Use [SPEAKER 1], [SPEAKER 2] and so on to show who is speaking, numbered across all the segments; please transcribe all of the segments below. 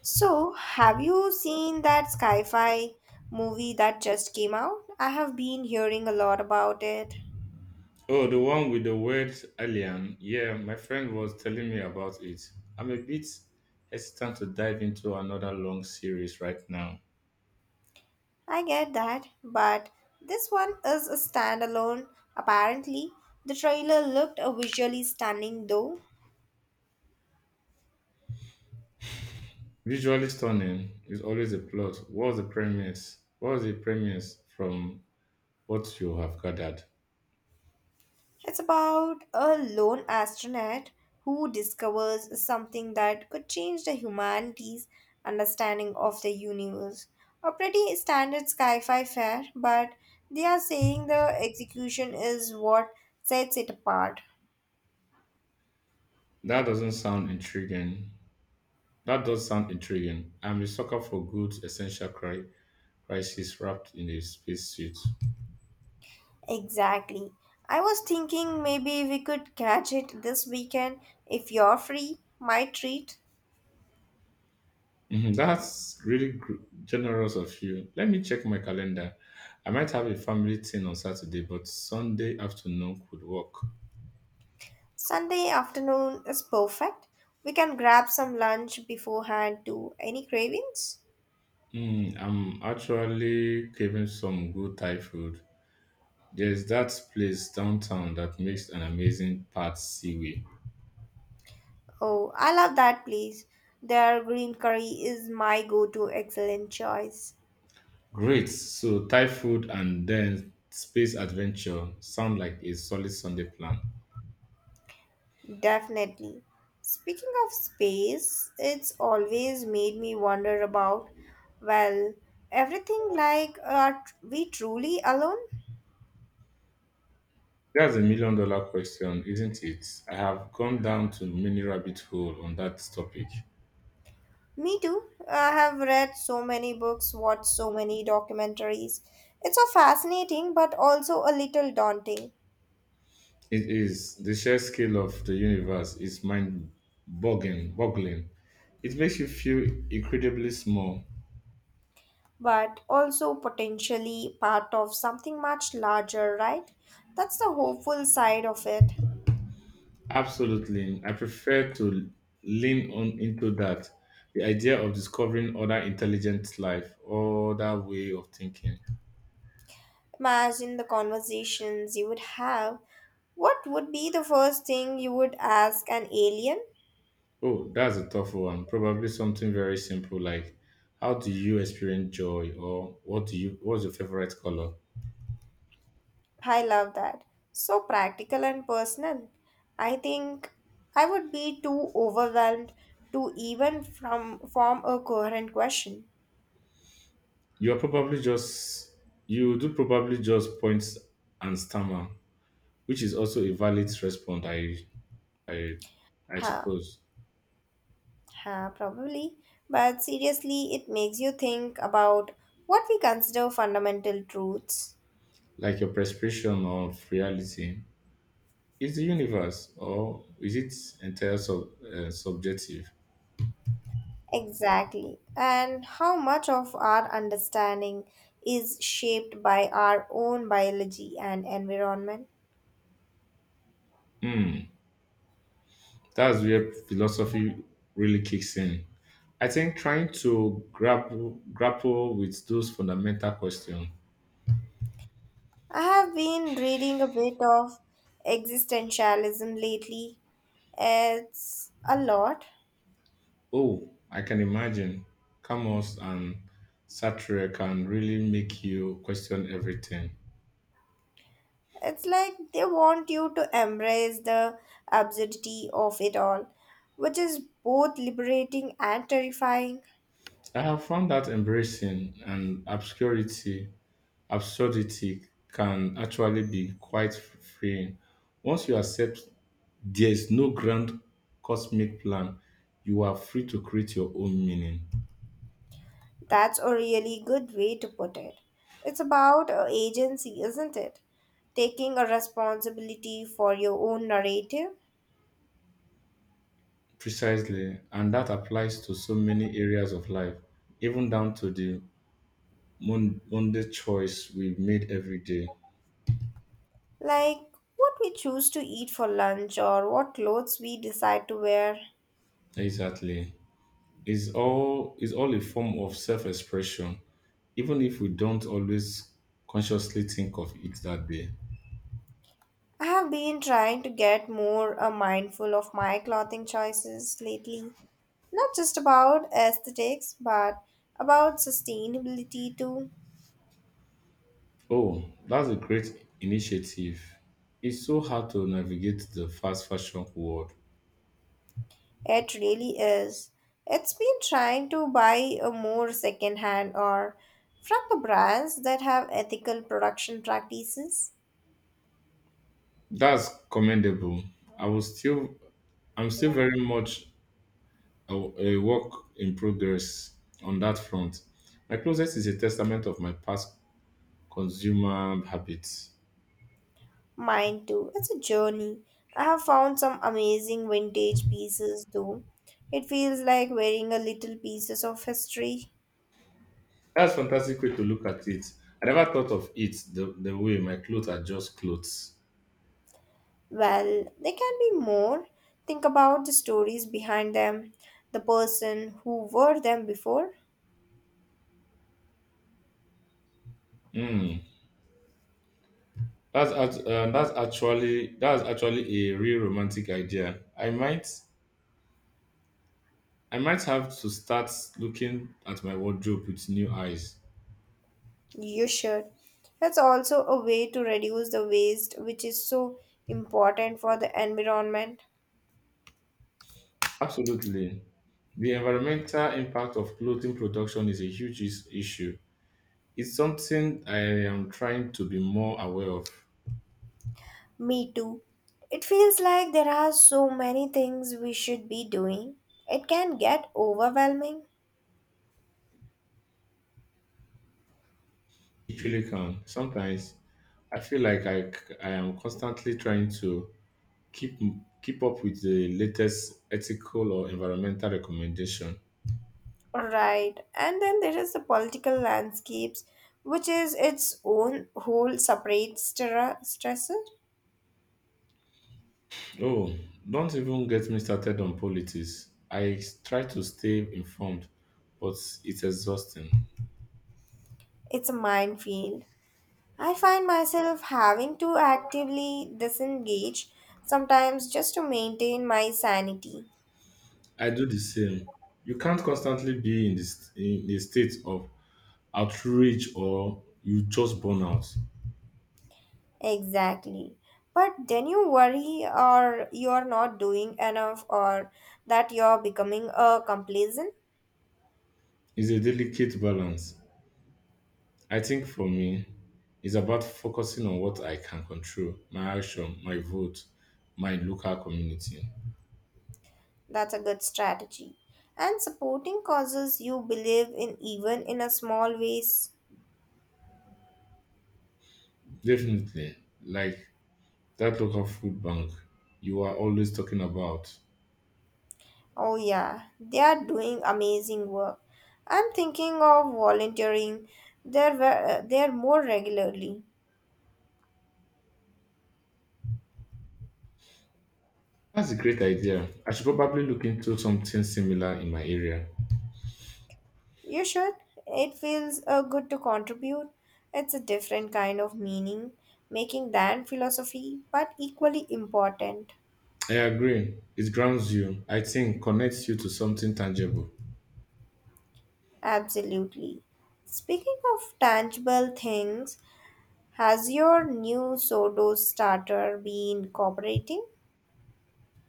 [SPEAKER 1] So, have you seen that sci-fi movie that just came out? I have been hearing a lot about it.
[SPEAKER 2] Oh, the one with the word alien. Yeah, my friend was telling me about it. I'm a bit hesitant to dive into another long series right now.
[SPEAKER 1] I get that, but this one is a standalone, apparently. The trailer looked visually stunning though.
[SPEAKER 2] Visually stunning is always a plot. What's the premise? What's the premise from what you have gathered?
[SPEAKER 1] It's about a lone astronaut who discovers something that could change the humanity's understanding of the universe. A pretty standard sci fi fare, but they are saying the execution is what sets it apart.
[SPEAKER 2] That doesn't sound intriguing. That does sound intriguing. I'm a sucker for good crisis wrapped in a spacesuit.
[SPEAKER 1] Exactly. I was thinking maybe we could catch it this weekend if you're free. My treat.
[SPEAKER 2] Mhm. That's really generous of you. Let me check my calendar. I might have a family thing on Saturday, but Sunday afternoon could work.
[SPEAKER 1] Sunday afternoon is perfect. We can grab some lunch beforehand too. Any cravings?
[SPEAKER 2] I'm actually craving some good Thai food. There's that place downtown that makes an amazing pad seaweed.
[SPEAKER 1] Oh, I love that place. Their green curry is my go to excellent choice.
[SPEAKER 2] Great. So Thai food and then space adventure sound like a solid Sunday plan.
[SPEAKER 1] Definitely. Speaking of space, it's always made me wonder about, well, everything, like are we truly alone?
[SPEAKER 2] That's a million dollar question, isn't it? I have gone down to many rabbit hole on that topic.
[SPEAKER 1] Me too. I have read so many books, watched so many documentaries. It's so fascinating but also a little daunting.
[SPEAKER 2] It is the sheer scale of the universe is mind boggling. It makes you feel incredibly small.
[SPEAKER 1] But also potentially part of something much larger, right? That's the hopeful side of it.
[SPEAKER 2] Absolutely. I prefer to lean on into that. The idea of discovering other intelligent life, other way of thinking.
[SPEAKER 1] Imagine the conversations you would have. What would be the first thing you would ask an alien?
[SPEAKER 2] Oh, that's a tough one. Probably something very simple like how do you experience joy or what's your favorite color?
[SPEAKER 1] I love that. So practical and personal. I think I would be too overwhelmed to even from form a coherent question.
[SPEAKER 2] You are probably just you do probably just point and stammer, which is also a valid response, I, I
[SPEAKER 1] Huh.
[SPEAKER 2] suppose.
[SPEAKER 1] Huh, probably. But seriously, it makes you think about what we consider fundamental truths.
[SPEAKER 2] Like your perception of reality is the universe, or is it entirely subjective?
[SPEAKER 1] Exactly. And how much of our understanding is shaped by our own biology and environment.
[SPEAKER 2] Hmm, that's where philosophy really kicks in. I think trying to grapple with those fundamental questions.
[SPEAKER 1] I have been reading a bit of existentialism lately. It's a lot.
[SPEAKER 2] Oh, I can imagine. Camus and Sartre can really make you question everything.
[SPEAKER 1] It's like they want you to embrace the absurdity of it all, which is both liberating and terrifying.
[SPEAKER 2] I have found that embracing and obscurity absurdity can actually be quite freeing. Once you accept there is no grand cosmic plan, you are free to create your own meaning.
[SPEAKER 1] That's a really good way to put it. It's about agency, isn't it? Taking a responsibility for your own narrative,
[SPEAKER 2] Precisely, and that applies to so many areas of life, even down to the mundane choice we made every day.
[SPEAKER 1] like what we choose to eat for lunch or what clothes we decide to wear.
[SPEAKER 2] Exactly. It's all is all a form of self-expression, even if we don't always consciously think of it that day.
[SPEAKER 1] I have been trying to get more mindful of my clothing choices lately. Not just about aesthetics but about sustainability too.
[SPEAKER 2] Oh, that's a great initiative. It's so hard to navigate the fast fashion world.
[SPEAKER 1] It really is. It's been trying to buy a more secondhand or from the brands that have ethical production practices.
[SPEAKER 2] That's commendable. I will still, I'm still very much a work in progress on that front. My closet is a testament of my past consumer habits.
[SPEAKER 1] Mine too. It's a journey. I have found some amazing vintage pieces though. It feels like wearing a little pieces of history.
[SPEAKER 2] That's fantastic way to look at it. I never thought of it the way my clothes are just clothes.
[SPEAKER 1] Well, there can be more. Think about the stories behind them, the person who wore them before.
[SPEAKER 2] Mm. That's actually a real romantic idea. I might have to start looking at my wardrobe with new eyes.
[SPEAKER 1] You should. That's also a way to reduce the waste, which is so important for the environment.
[SPEAKER 2] Absolutely. The environmental impact of clothing production is a huge issue. It's something I am trying to be more aware of.
[SPEAKER 1] Me too. It feels like there are so many things we should be doing. It can get overwhelming.
[SPEAKER 2] It really can. Sometimes I feel like I am constantly trying to keep keep up with the latest ethical or environmental recommendation.
[SPEAKER 1] Right. And then there is the political landscapes, which is its own whole separate stressor.
[SPEAKER 2] Oh, don't even get me started on politics. I try to stay informed, but it's exhausting.
[SPEAKER 1] It's a minefield. I find myself having to actively disengage, sometimes just to maintain my sanity.
[SPEAKER 2] I do the same. You can't constantly be in a state of outrage or you just burn out.
[SPEAKER 1] Exactly. But then you worry or you're not doing enough or that you're becoming a complacent.
[SPEAKER 2] It's a delicate balance. I think for me, it's about focusing on what I can control, my action, my vote, my local community.
[SPEAKER 1] That's a good strategy. And supporting causes you believe in even in a small ways.
[SPEAKER 2] Definitely, like that local food bank you are always talking about.
[SPEAKER 1] Oh yeah, they are doing amazing work. I'm thinking of volunteering there more regularly.
[SPEAKER 2] That's a great idea. I should probably look into something similar in my area.
[SPEAKER 1] You should. It feels good to contribute. It's a different kind of meaning making than philosophy, but equally important.
[SPEAKER 2] I agree. It grounds you, I think, connects you to something tangible.
[SPEAKER 1] Absolutely. Speaking of tangible things, has your new sourdough starter been cooperating?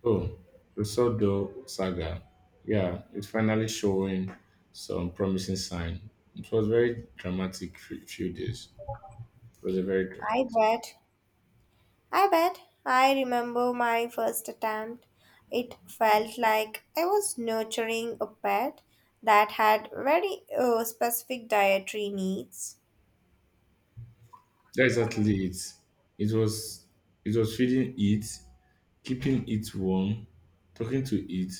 [SPEAKER 2] Oh, Usodo Saga. Yeah, it's finally showing some promising sign. It was very dramatic few days. It was a very
[SPEAKER 1] I
[SPEAKER 2] dramatic.
[SPEAKER 1] bet. I bet. I remember my first attempt. It felt like I was nurturing a pet that had very specific dietary needs.
[SPEAKER 2] That's exactly it. It was it was feeding it, keeping it warm, talking to it.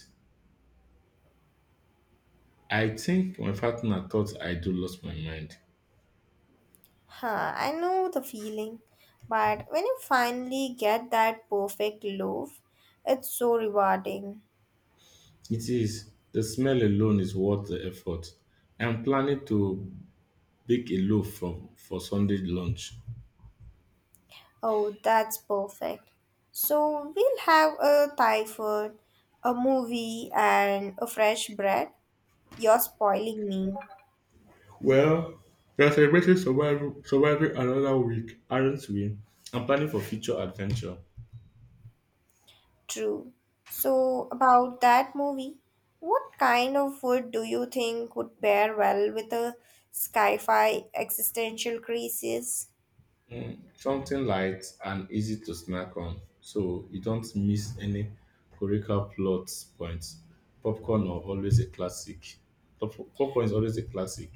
[SPEAKER 2] I think my partner thought I do lost my mind.
[SPEAKER 1] Huh, I know the feeling. But when you finally get that perfect loaf, it's so rewarding.
[SPEAKER 2] It is. The smell alone is worth the effort. I'm planning to bake a loaf from for Sunday lunch.
[SPEAKER 1] Oh, that's perfect. So we'll have a Thai food, a movie, and a fresh bread. You're spoiling me.
[SPEAKER 2] Well, we are celebrating surviving another week, aren't we? I'm planning for future adventure.
[SPEAKER 1] True. So, about that movie, what kind of food do you think would pair well with a sci fi existential crisis?
[SPEAKER 2] Mm, something light and easy to snack on, so you don't miss any curricular plot points. Popcorn are always a classic. Popcorn is always a classic.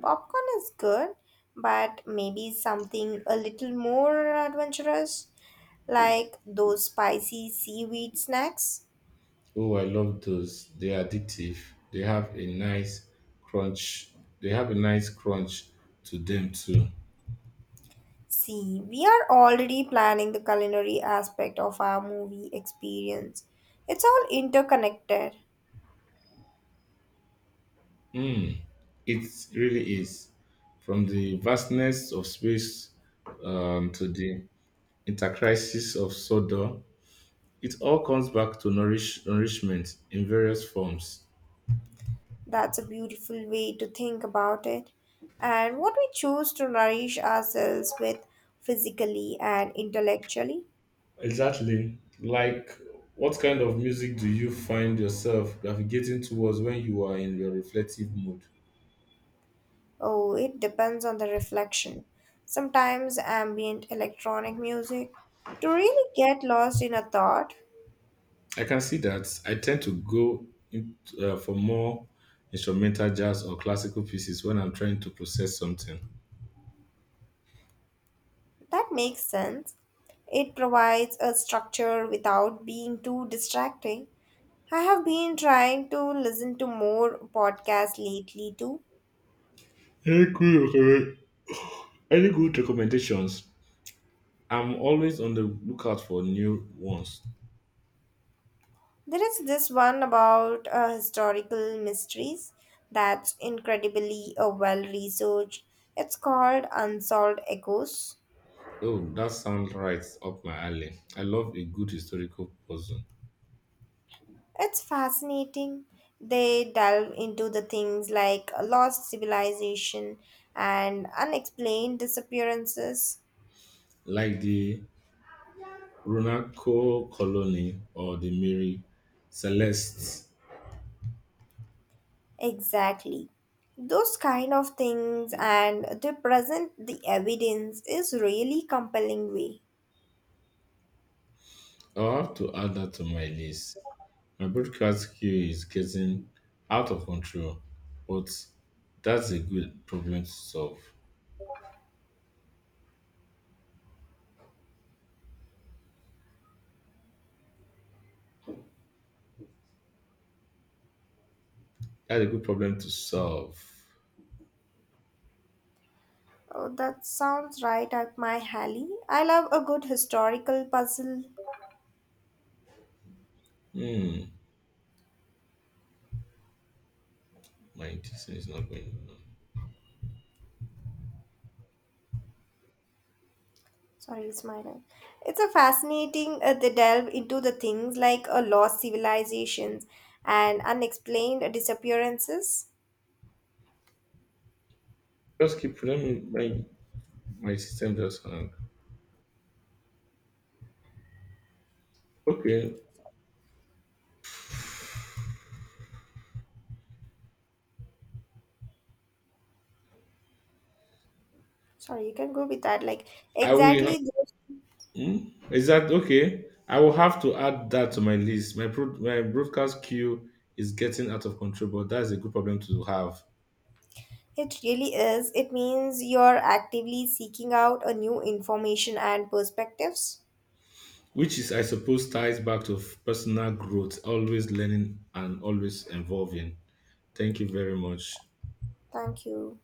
[SPEAKER 1] Popcorn is good, but maybe something a little more adventurous, like those spicy seaweed snacks.
[SPEAKER 2] Oh, I love those. They're addictive. They have a nice crunch. They have a nice crunch to them too.
[SPEAKER 1] See, we are already planning the culinary aspect of our movie experience. It's all interconnected.
[SPEAKER 2] Mm, it really is. From the vastness of space to the intercrisis of Sodor, it all comes back to nourishment in various forms.
[SPEAKER 1] That's a beautiful way to think about it. And what we choose to nourish ourselves with physically and intellectually.
[SPEAKER 2] Exactly. Like, what kind of music do you find yourself navigating towards when you are in your reflective mood?
[SPEAKER 1] Oh, it depends on the reflection. Sometimes ambient electronic music to really get lost in a thought.
[SPEAKER 2] I can see that. I tend to go for more instrumental jazz or classical pieces when I'm trying to process something.
[SPEAKER 1] That makes sense. It provides a structure without being too distracting. I have been trying to listen to more podcasts lately too.
[SPEAKER 2] Any good, recommend- any good recommendations? I'm always on the lookout for new ones.
[SPEAKER 1] There is this one about historical mysteries that's incredibly well researched. It's called Unsolved Echoes.
[SPEAKER 2] Oh, that sounds right up my alley. I love a good historical puzzle,
[SPEAKER 1] It's fascinating. They delve into the things like lost civilization and unexplained disappearances.
[SPEAKER 2] like the Runaco Colony or the Mary Celeste.
[SPEAKER 1] Exactly. Those kind of things, and they present the evidence is really compelling way.
[SPEAKER 2] I'll have to add that to my list. My broadcast queue is getting out of control, but that's a good problem to solve. that's a good problem to solve.
[SPEAKER 1] Oh, that sounds right up my alley. I love a good historical puzzle.
[SPEAKER 2] Hmm, my this thing is not going on.
[SPEAKER 1] Sorry, it's my line. It's a fascinating they delve into the things like lost civilizations and unexplained disappearances.
[SPEAKER 2] Just keep let me my my system just hung. Okay,
[SPEAKER 1] Sorry, you can go with that. Like
[SPEAKER 2] I will.
[SPEAKER 1] exactly,
[SPEAKER 2] Hmm? Is that okay? I will have to add that to my list. My broadcast queue is getting out of control, but that's a good problem to have.
[SPEAKER 1] it really is. It means you're actively seeking out a new information and perspectives.
[SPEAKER 2] Which is, I suppose, ties back to personal growth, always learning and always evolving. Thank you very much.
[SPEAKER 1] Thank you.